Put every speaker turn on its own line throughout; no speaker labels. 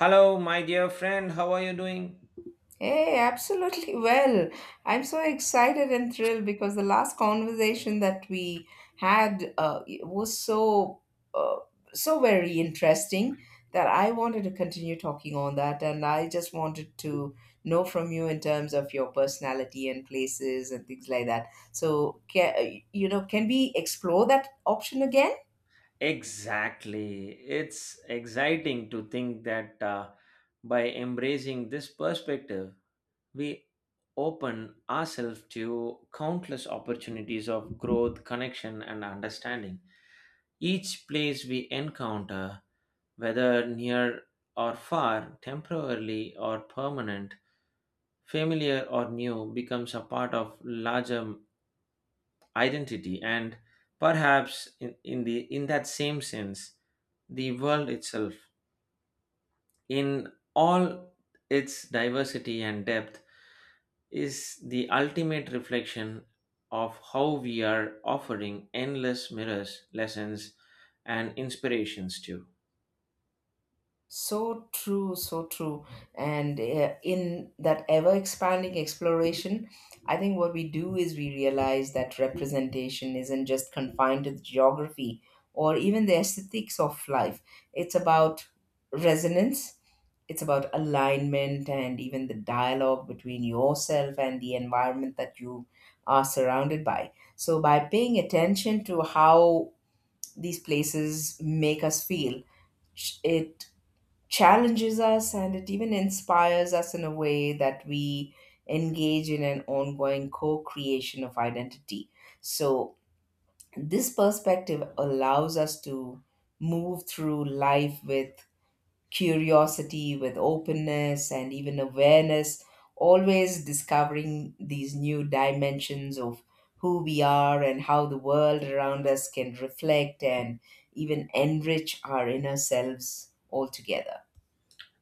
Hello, my dear friend. How are you doing?
Hey, absolutely well. I'm so excited and thrilled because the last conversation that we had was so uh, so very interesting that I wanted to continue talking on that, and I just wanted to know from you in terms of your personality and places and things like that. So, can, can we explore that option again?
Exactly. It's exciting to think that by embracing this perspective, we open ourselves to countless opportunities of growth, connection, and understanding. Each place we encounter, whether near or far, temporarily or permanent, familiar or new, becomes a part of larger identity, and perhaps in that same sense, the world itself in all its diversity and depth is the ultimate reflection of how we are, offering endless mirrors, lessons, and inspirations to.
So true, so true. And in that ever expanding exploration, I think what we do is we realize that representation isn't just confined to the geography or even the aesthetics of life. It's about resonance, it's about alignment, and even the dialogue between yourself and the environment that you are surrounded by. So, by paying attention to how these places make us feel, it challenges us and it even inspires us in a way that we engage in an ongoing co creation of identity. So, this perspective allows us to move through life with curiosity, with openness, and even awareness, always discovering these new dimensions of who we are and how the world around us can reflect and even enrich our inner selves altogether.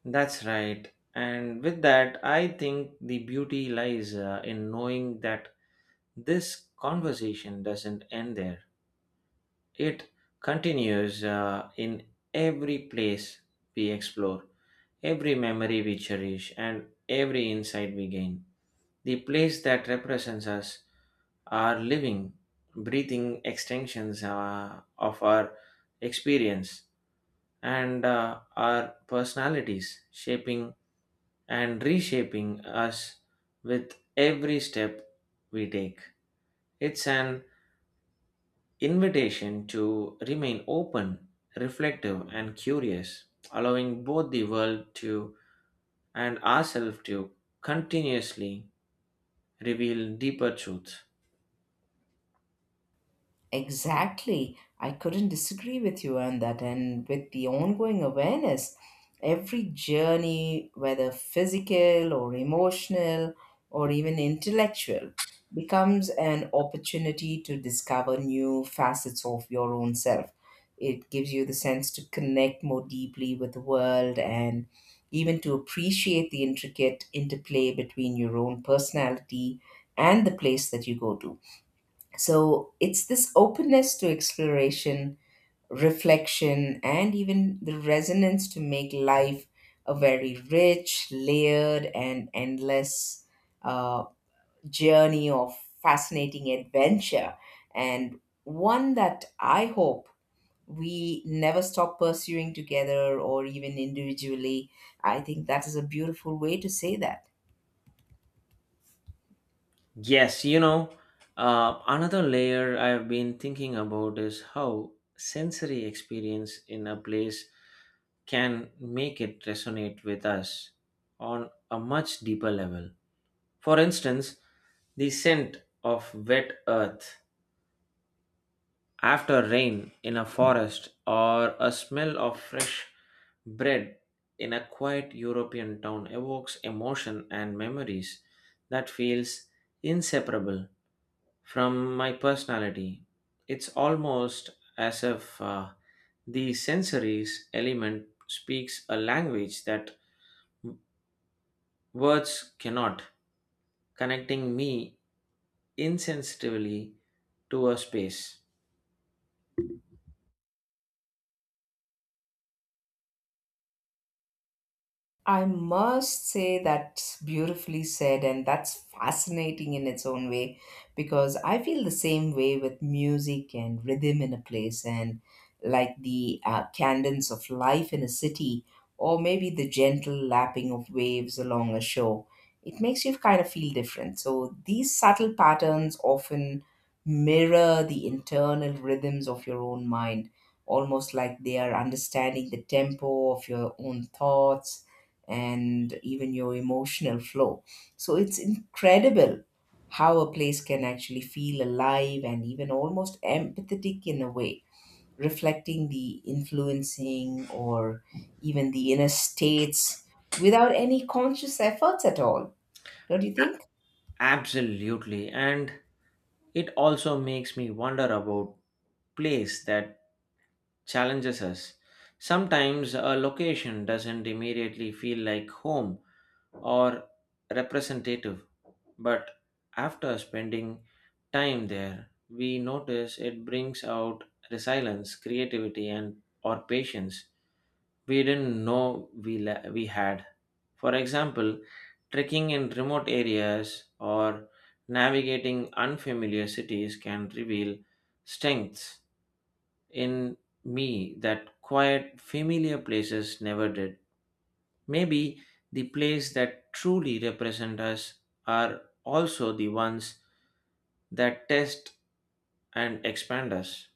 That's right. And with that, I think the beauty lies in knowing that this conversation doesn't end there. It continues in every place we explore, every memory we cherish, and every insight we gain. The place that represents us are living, breathing extensions of our experience and our personalities, shaping and reshaping us with every step we take. It's an invitation to remain open, reflective, and curious, allowing both the world to and ourselves to continuously reveal deeper truths.
Exactly. I couldn't disagree with you on that. And with the ongoing awareness, every journey, whether physical or emotional or even intellectual, becomes an opportunity to discover new facets of your own self. It gives you the sense to connect more deeply with the world and even to appreciate the intricate interplay between your own personality and the place that you go to. So it's this openness to exploration, reflection, and even the resonance to make life a very rich, layered, and endless uh, journey of fascinating adventure, and one that I hope we never stop pursuing together or even individually. I think that is a beautiful way to say that.
Yes, another layer I've been thinking about is how sensory experience in a place can make it resonate with us on a much deeper level. For instance, the scent of wet earth after rain in a forest, or a smell of fresh bread in a quiet European town, evokes emotion and memories that feels inseparable from my personality. It's almost as if the sensories element speaks a language that words cannot, connecting me insensitively to a space.
I must say that's beautifully said, and that's fascinating in its own way because I feel the same way with music and rhythm in a place, and like the cadence of life in a city, or maybe the gentle lapping of waves along a shore. It makes you kind of feel different. So, these subtle patterns often mirror the internal rhythms of your own mind almost like they are understanding the tempo of your own thoughts and even your emotional flow. So it's incredible how a place can actually feel alive and even almost empathetic in a way, reflecting the influencing or even the inner states without any conscious efforts at all. Don't you think?
Absolutely. And it also makes me wonder about place that challenges us. Sometimes a location doesn't immediately feel like home or representative, but after spending time there, we notice it brings out resilience, creativity, and or patience we didn't know we had. For example, trekking in remote areas or navigating unfamiliar cities can reveal strengths in me that quiet, familiar places never did. Maybe the plays that truly represent us are also the ones that test and expand us.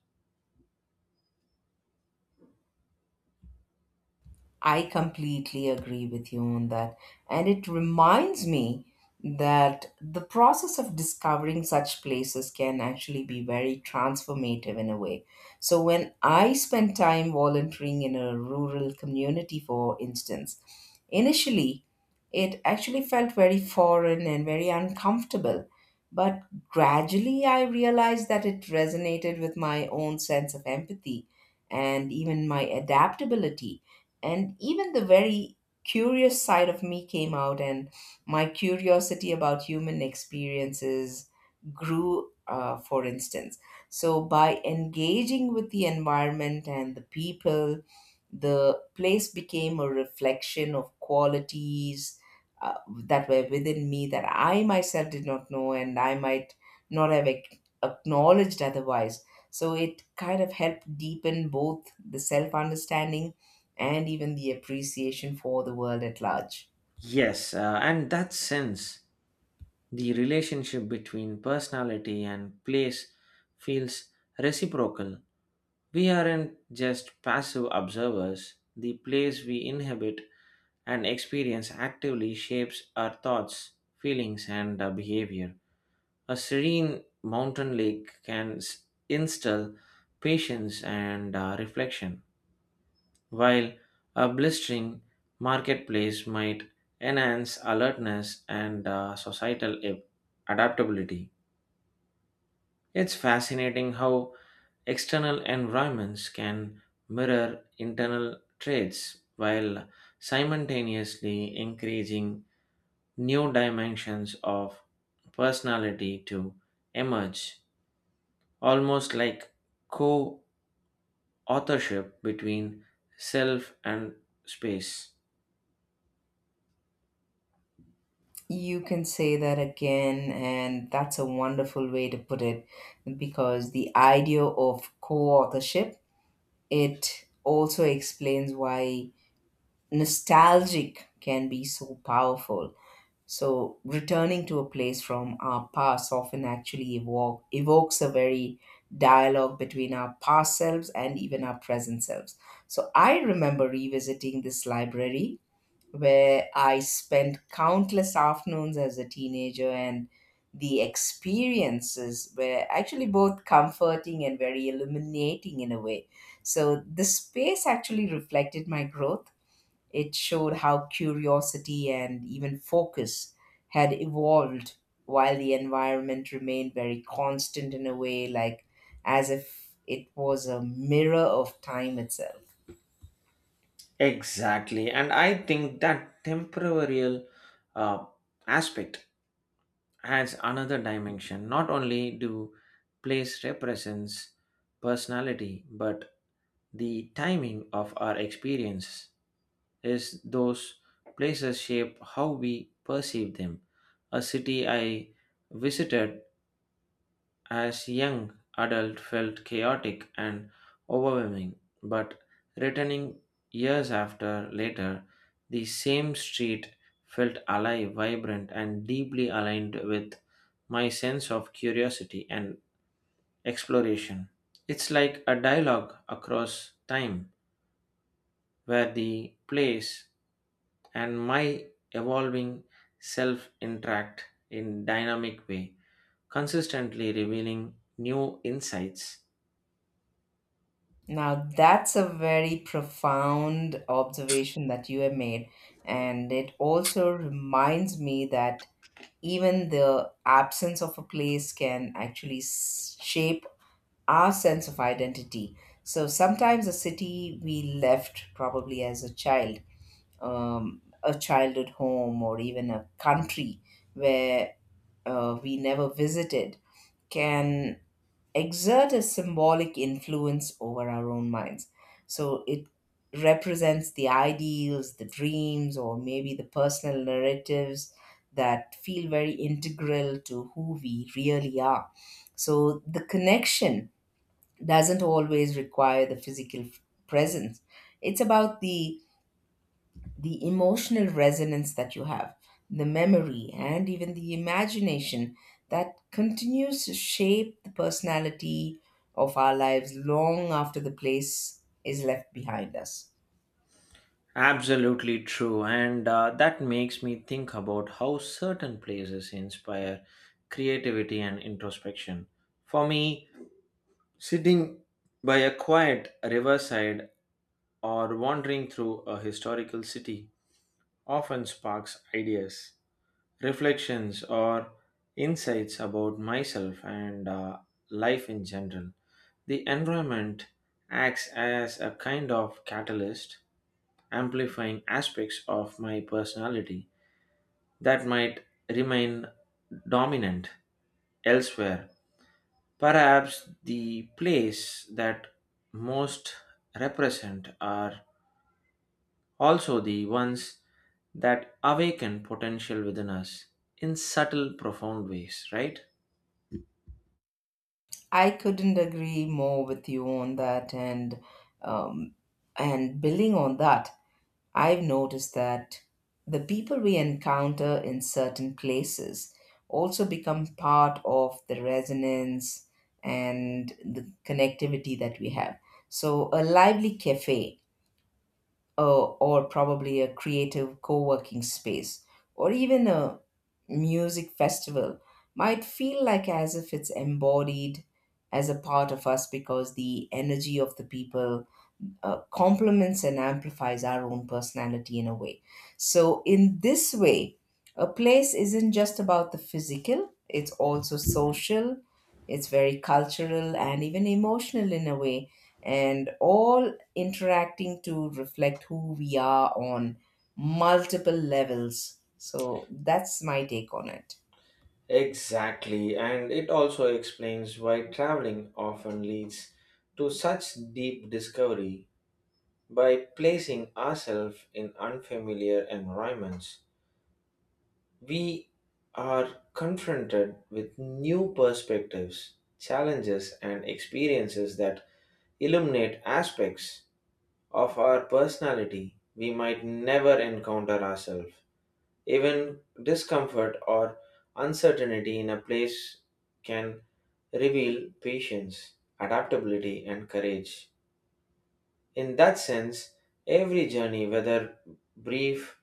I completely agree with you on that. And it reminds me that the process of discovering such places can actually be very transformative in a way. So, when I spent time volunteering in a rural community, for instance, initially it actually felt very foreign and very uncomfortable. But gradually I realized that it resonated with my own sense of empathy and even my adaptability and even the very curious side of me came out and my curiosity about human experiences grew for instance, so by engaging with the environment and the people, the place became a reflection of qualities uh, that were within me that I myself did not know, and I might not have acknowledged otherwise. So it kind of helped deepen both the self understanding and even the appreciation for the world at large.
Yes, and that sense, the relationship between personality and place feels reciprocal. We aren't just passive observers, the place we inhabit and experience actively shapes our thoughts, feelings, and behavior. A serene mountain lake can instill patience and reflection, while a blistering marketplace might enhance alertness and societal adaptability. It's fascinating how external environments can mirror internal traits while simultaneously encouraging new dimensions of personality to emerge, almost like co authorship between self and space.
You can say that again, and that's a wonderful way to put it because the idea of co-authorship, it also explains why nostalgic can be so powerful. So returning to a place from our past often actually evokes a very dialogue between our past selves and even our present selves. So I remember revisiting this library where I spent countless afternoons as a teenager, and the experiences were actually both comforting and very illuminating in a way. So, the space actually reflected my growth. It showed how curiosity and even focus had evolved while the environment remained very constant in a way, like as if it was a mirror of time itself.
Exactly, and I think that temporal uh, aspect has another dimension. Not only do place represents personality, but the timing of our experiences is those places shape how we perceive them. A city I visited as young adult felt chaotic and overwhelming, but returning years after later, the same street felt alive, vibrant, and deeply aligned with my sense of curiosity and exploration. It's like a dialogue across time where the place and my evolving self interact in dynamic way, consistently revealing new insights.
Now, that's a very profound observation that you have made. And it also reminds me that even the absence of a place can actually shape our sense of identity. So sometimes a city we left probably as a child, a childhood home, or even a country where we never visited can exert a symbolic influence over our own minds. So it represents the ideals, the dreams, or maybe the personal narratives that feel very integral to who we really are. So the connection doesn't always require the physical presence. It's about the emotional resonance that you have, the memory, and even the imagination that continues to shape the personality of our lives long after the place is left behind us.
Absolutely true, and that makes me think about how certain places inspire creativity and introspection. For me, sitting by a quiet riverside or wandering through a historical city often sparks ideas, reflections, or insights about myself and life in general. The environment acts as a kind of catalyst, amplifying aspects of my personality that might remain dominant elsewhere. Perhaps the plays that most represent are also the ones that awaken potential within us in subtle, profound ways, right?
I couldn't agree more with you on that, um, and building on that. I've noticed that the people we encounter in certain places also become part of the resonance and the connectivity that we have. So, a lively cafe, or probably a creative co working space, or even a music festival might feel like as if it's embodied as a part of us because the energy of the people complements and amplifies our own personality in a way. So, in this way, a place isn't just about the physical, it's also social, it's very cultural, and even emotional in a way, and all interacting to reflect who we are on multiple levels. So, that's my take on it.
Exactly, and it also explains why traveling often leads to such deep discovery. By placing ourselves in unfamiliar environments, we are confronted with new perspectives, challenges, and experiences that illuminate aspects of our personality we might never encounter ourselves. Even discomfort or uncertainty in a place can reveal patience, adaptability, and courage. In that sense, every journey, whether brief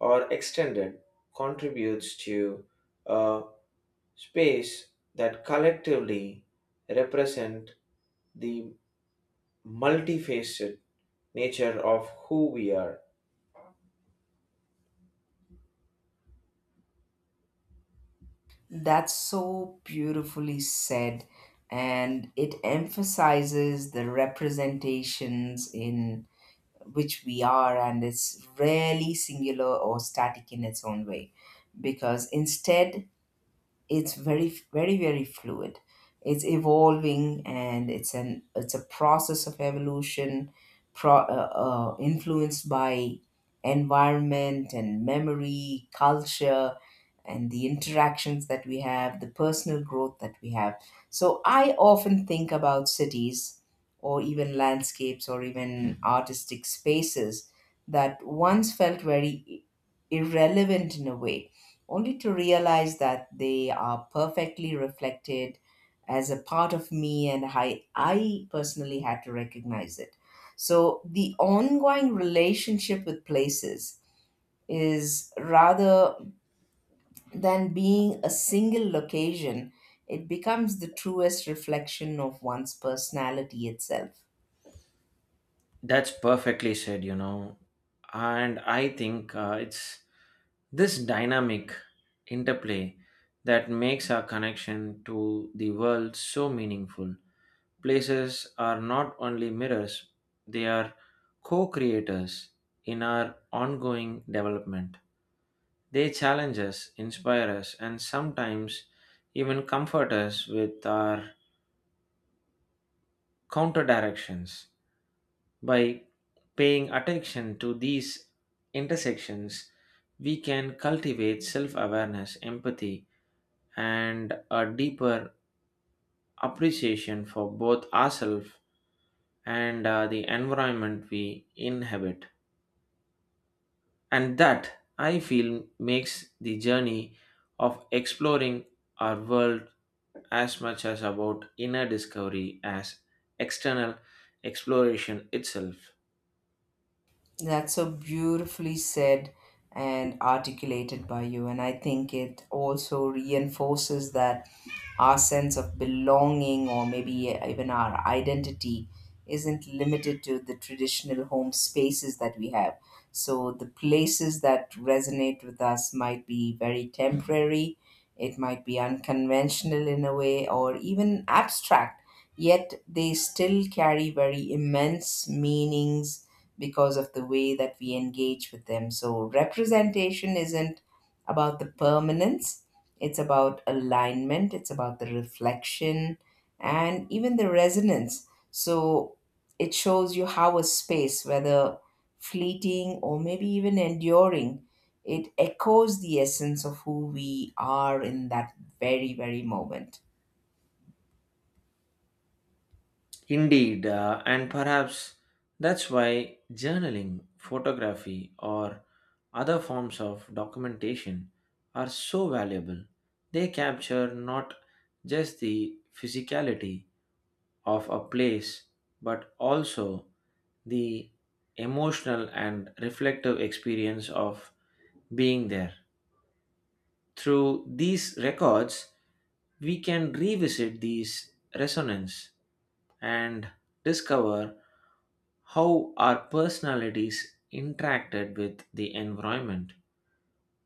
or extended, contributes to a space that collectively represent the multifaceted nature of who we are.
That's so beautifully said, and it emphasizes the representations in which we are, and it's rarely singular or static in its own way. Because instead, it's very, very, very fluid. It's evolving and it's a process of evolution, influenced by environment and memory culture and the interactions that we have, the personal growth that we have. So I often think about cities or even landscapes or even artistic spaces that once felt very irrelevant in a way, only to realize that they are perfectly reflected as a part of me, and I personally had to recognize it. So the ongoing relationship with places is, rather than being a single location, it becomes the truest reflection of one's personality itself.
That's perfectly said. And I think it's this dynamic interplay that makes our connection to the world so meaningful. Places are not only mirrors, they are co creators in our ongoing development. They challenge us, inspire us, and sometimes even comfort us with our counter directions. By paying attention to these intersections, we can cultivate self awareness, empathy, and a deeper appreciation for both ourselves and the environment we inhabit. And that, I feel, makes the journey of exploring our world as much as about inner discovery as external exploration itself.
That's so beautifully said and articulated by you. And I think it also reinforces that our sense of belonging or maybe even our identity isn't limited to the traditional home spaces that we have. So the places that resonate with us might be very temporary, it might be unconventional in a way, or even abstract, yet they still carry very immense meanings because of the way that we engage with them. So, representation isn't about the permanence, it's about alignment, it's about the reflection, and even the resonance. So, it shows you how a space, whether fleeting or maybe even enduring, it echoes the essence of who we are in that very, very moment.
Indeed, and perhaps that's why journaling, photography, or other forms of documentation are so valuable. They capture not just the physicality of a place but also the emotional and reflective experience of being there. Through these records, we can revisit these resonance and discover how our personalities interacted with the environment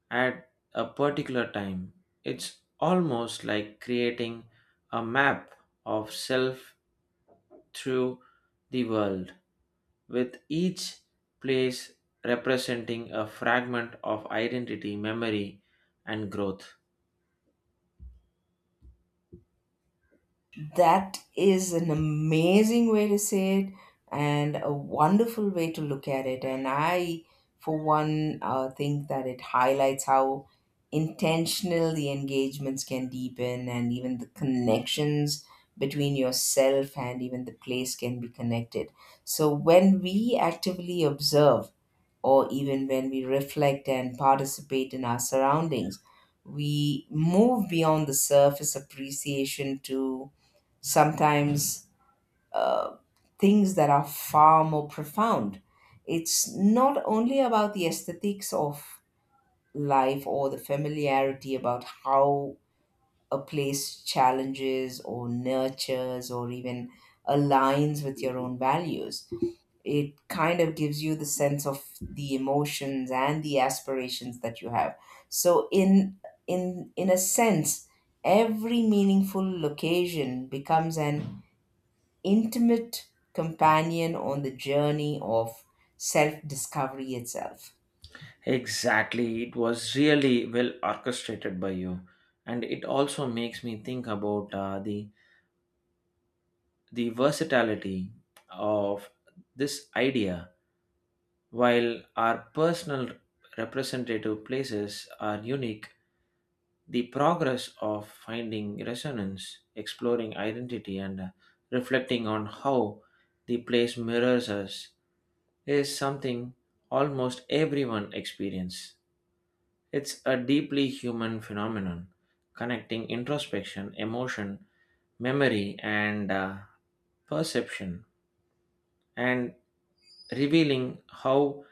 at a particular time. It's almost like creating a map of self through the world, with each place representing a fragment of identity, memory, and growth.
That is an amazing way to say it and a wonderful way to look at it. And I, for one, think that it highlights how intentional the engagements can deepen and even the connections between yourself and even the place can be connected. So when we actively observe, or even when we reflect and participate in our surroundings, we move beyond the surface appreciation to sometimes uh, things that are far more profound. It's not only about the aesthetics of life or the familiarity about how a place challenges or nurtures or even aligns with your own values. It kind of gives you the sense of the emotions and the aspirations that you have. So in a sense, every meaningful location becomes an intimate companion on the journey of self discovery itself.
Exactly, it was really well orchestrated by you, and it also makes me think about the versatility of this idea. While our personal representative places are unique, the progress of finding resonance, exploring identity, and reflecting on how the place mirrors us is something almost everyone experiences. It's a deeply human phenomenon, connecting introspection, emotion, memory, and perception, and revealing how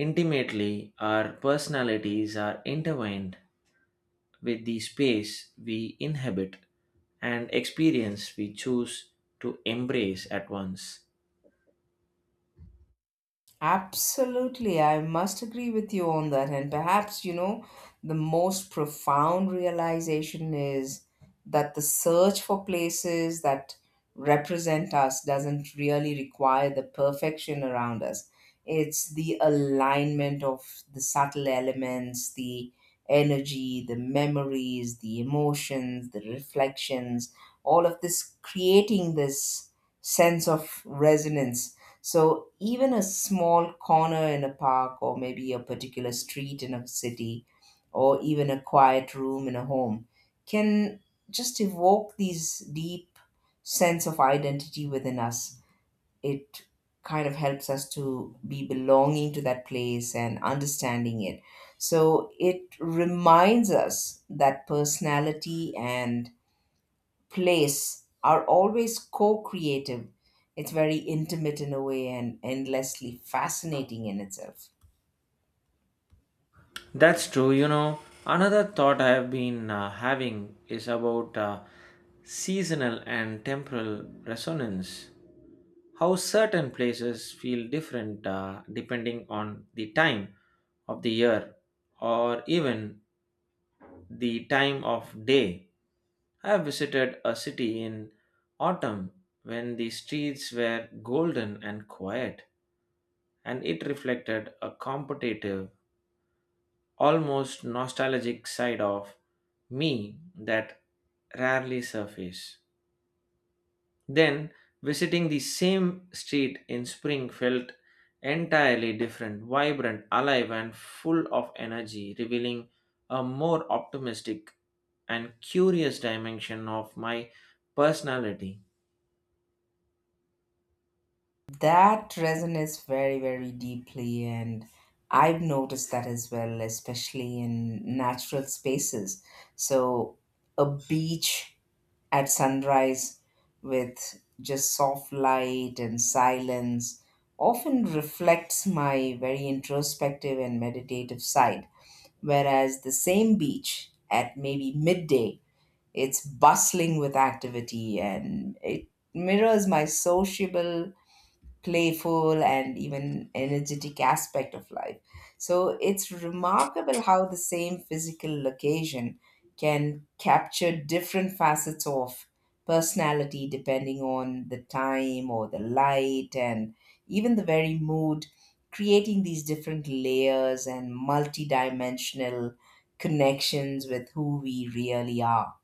intimately our personalities are intertwined with the space we inhabit and experience we choose to embrace at once.
Absolutely, I must agree with you on that. And perhaps, you know, the most profound realization is that the search for places that represent us doesn't really require the perfection around us. It's the alignment of the subtle elements, the energy, the memories, the emotions, the reflections, all of this creating this sense of resonance. So even a small corner in a park, or maybe a particular street in a city, or even a quiet room in a home, can just evoke these deep sense of identity within us. It kind of helps us to be belonging to that place and understanding it. So it reminds us that personality and place are always co creative. It's very intimate in a way and endlessly fascinating in itself.
That's true. Another thought I have been having is about seasonal and temporal resonance. How certain places feel different depending on the time of the year or even the time of day. I have visited a city in autumn when the streets were golden and quiet, and it reflected a competitive, almost nostalgic side of me that rarely surface. Then visiting the same street in spring felt entirely different, vibrant, alive and full of energy, revealing a more optimistic and curious dimension of my personality.
That resonates very, very deeply, and I've noticed that as well, especially in natural spaces. So, a beach at sunrise with just soft light and silence often reflects my very introspective and meditative side. Whereas the same beach at maybe midday, it's bustling with activity and it mirrors my sociable, playful, and even energetic aspect of life. So it's remarkable how the same physical location can capture different facets of personality depending on the time or the light and even the very mood, creating these different layers and multidimensional connections with who we really are.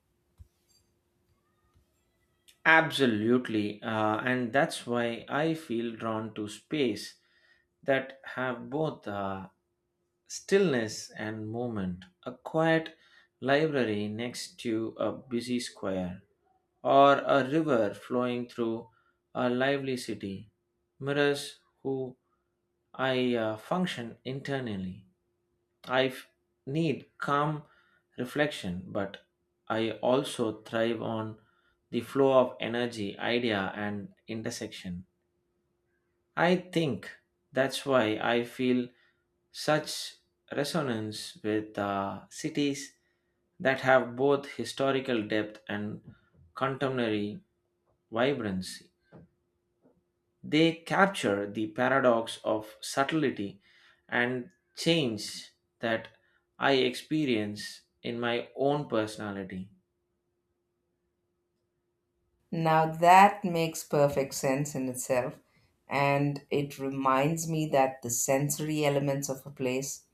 Absolutely, and that's why I feel drawn to space that have both stillness and movement. A quiet library next to a busy square, or a river flowing through a lively city, mirrors who I function internally. I f- need calm reflection, but I also thrive on the flow of energy, idea, and intersection. I think that's why I feel such resonance with cities that have both historical depth and contemporary vibrancy. They capture the paradox of subtlety and change that I experience in my own personality.
Now that makes perfect sense in itself, and it reminds me that the sensory elements of a place,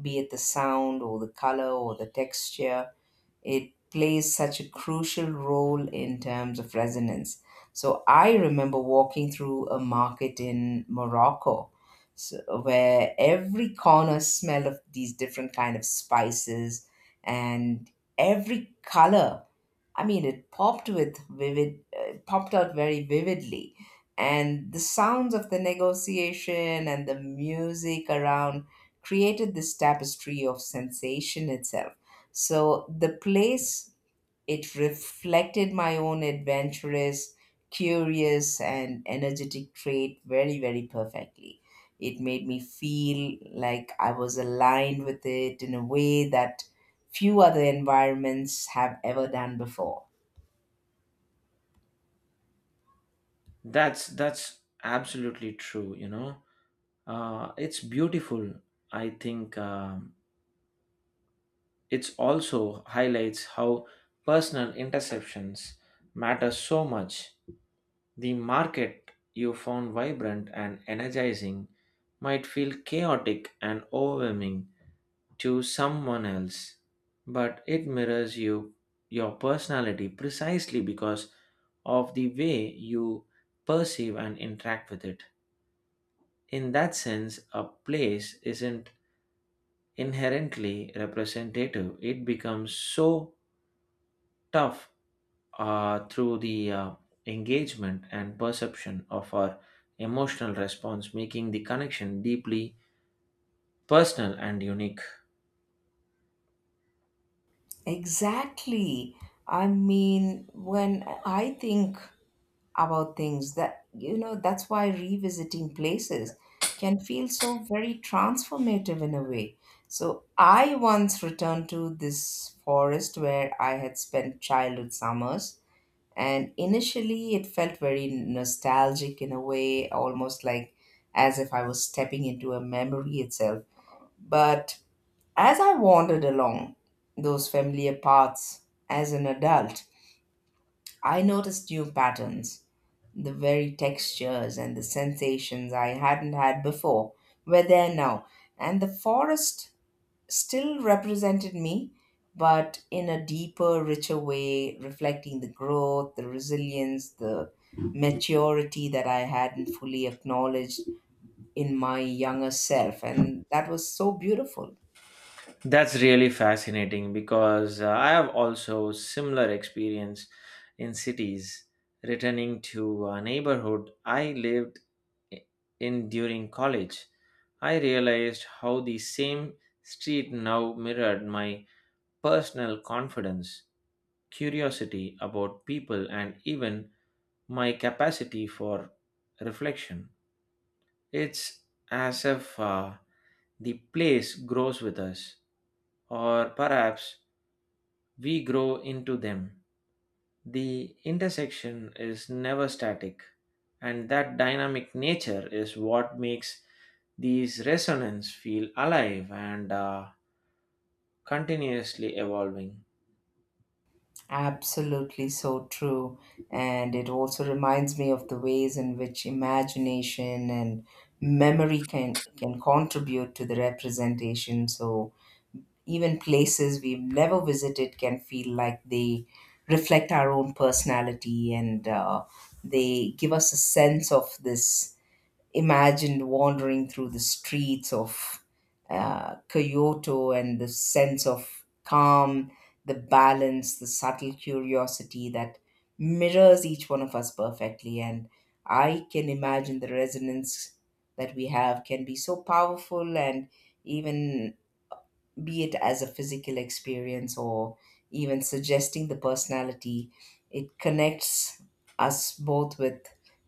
be it the sound or the color or the texture, it plays such a crucial role in terms of resonance. So I remember walking through a market in Morocco, so where every corner smelled of these different kind of spices, and every color, I mean, it popped with vivid, popped out very vividly. And the sounds of the negotiation and the music around created this tapestry of sensation itself. So the place, it reflected my own adventurous, curious, and energetic trait very, very perfectly. It made me feel like I was aligned with it in a way that few other environments have ever done before.
That's absolutely true. It's beautiful, I think. It also highlights how personal interceptions matter so much. The market you found vibrant and energizing might feel chaotic and overwhelming to someone else, but it mirrors your personality precisely because of the way you perceive and interact with it. In that sense, a place isn't inherently representative. It becomes so tough through the engagement and perception of our emotional response, making the connection deeply personal and unique.
Exactly. I mean, when I think about things that, you know, that's why revisiting places can feel so very transformative in a way. So I once returned to this forest where I had spent childhood summers, and initially it felt very nostalgic in a way, almost like as if I was stepping into a memory itself. But as I wandered along those familiar paths as an adult, I noticed new patterns, the very textures and the sensations I hadn't had before were there now, and the forest still represented me, but in a deeper, richer way, reflecting the growth, the resilience, the maturity that I hadn't fully acknowledged in my younger self. And that was so beautiful.
That's really fascinating because I have also similar experience in cities. Returning to a neighborhood i- in during college, I realized how the same street now mirrored my personal confidence, curiosity about people, and even my capacity for reflection. It's as if the place grows with us, or perhaps we grow into them. The intersection is never static, and that dynamic nature is what makes these resonance feel alive and continuously evolving.
Absolutely so true. And it also reminds me of the ways in which imagination and memory can contribute to the representation. So even places we've never visited can feel like they reflect our own personality, and they give us a sense of this imagined wandering through the streets of Kyoto, and the sense of calm, the balance, the subtle curiosity that mirrors each one of us perfectly. And I can imagine the resonance that we have can be so powerful and even, be it as a physical experience or even suggesting the personality, it connects us both with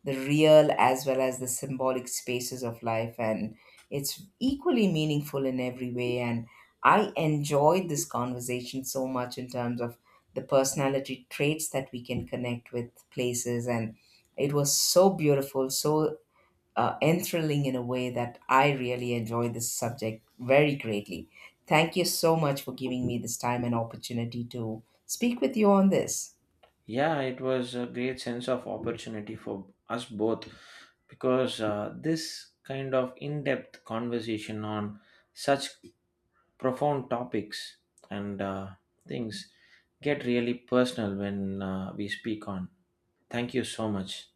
the real as well as the symbolic spaces of life. And it's equally meaningful in every way. And I enjoyed this conversation so much in terms of the personality traits that we can connect with places. And it was so beautiful, so and in a way that I really enjoy this subject very greatly. Thank you so much for giving me this time and opportunity to speak with you on this.
Yeah, it was a great sense of opportunity for us both because this kind of in depth conversation on such profound topics and things get really personal when we speak on. Thank you so much.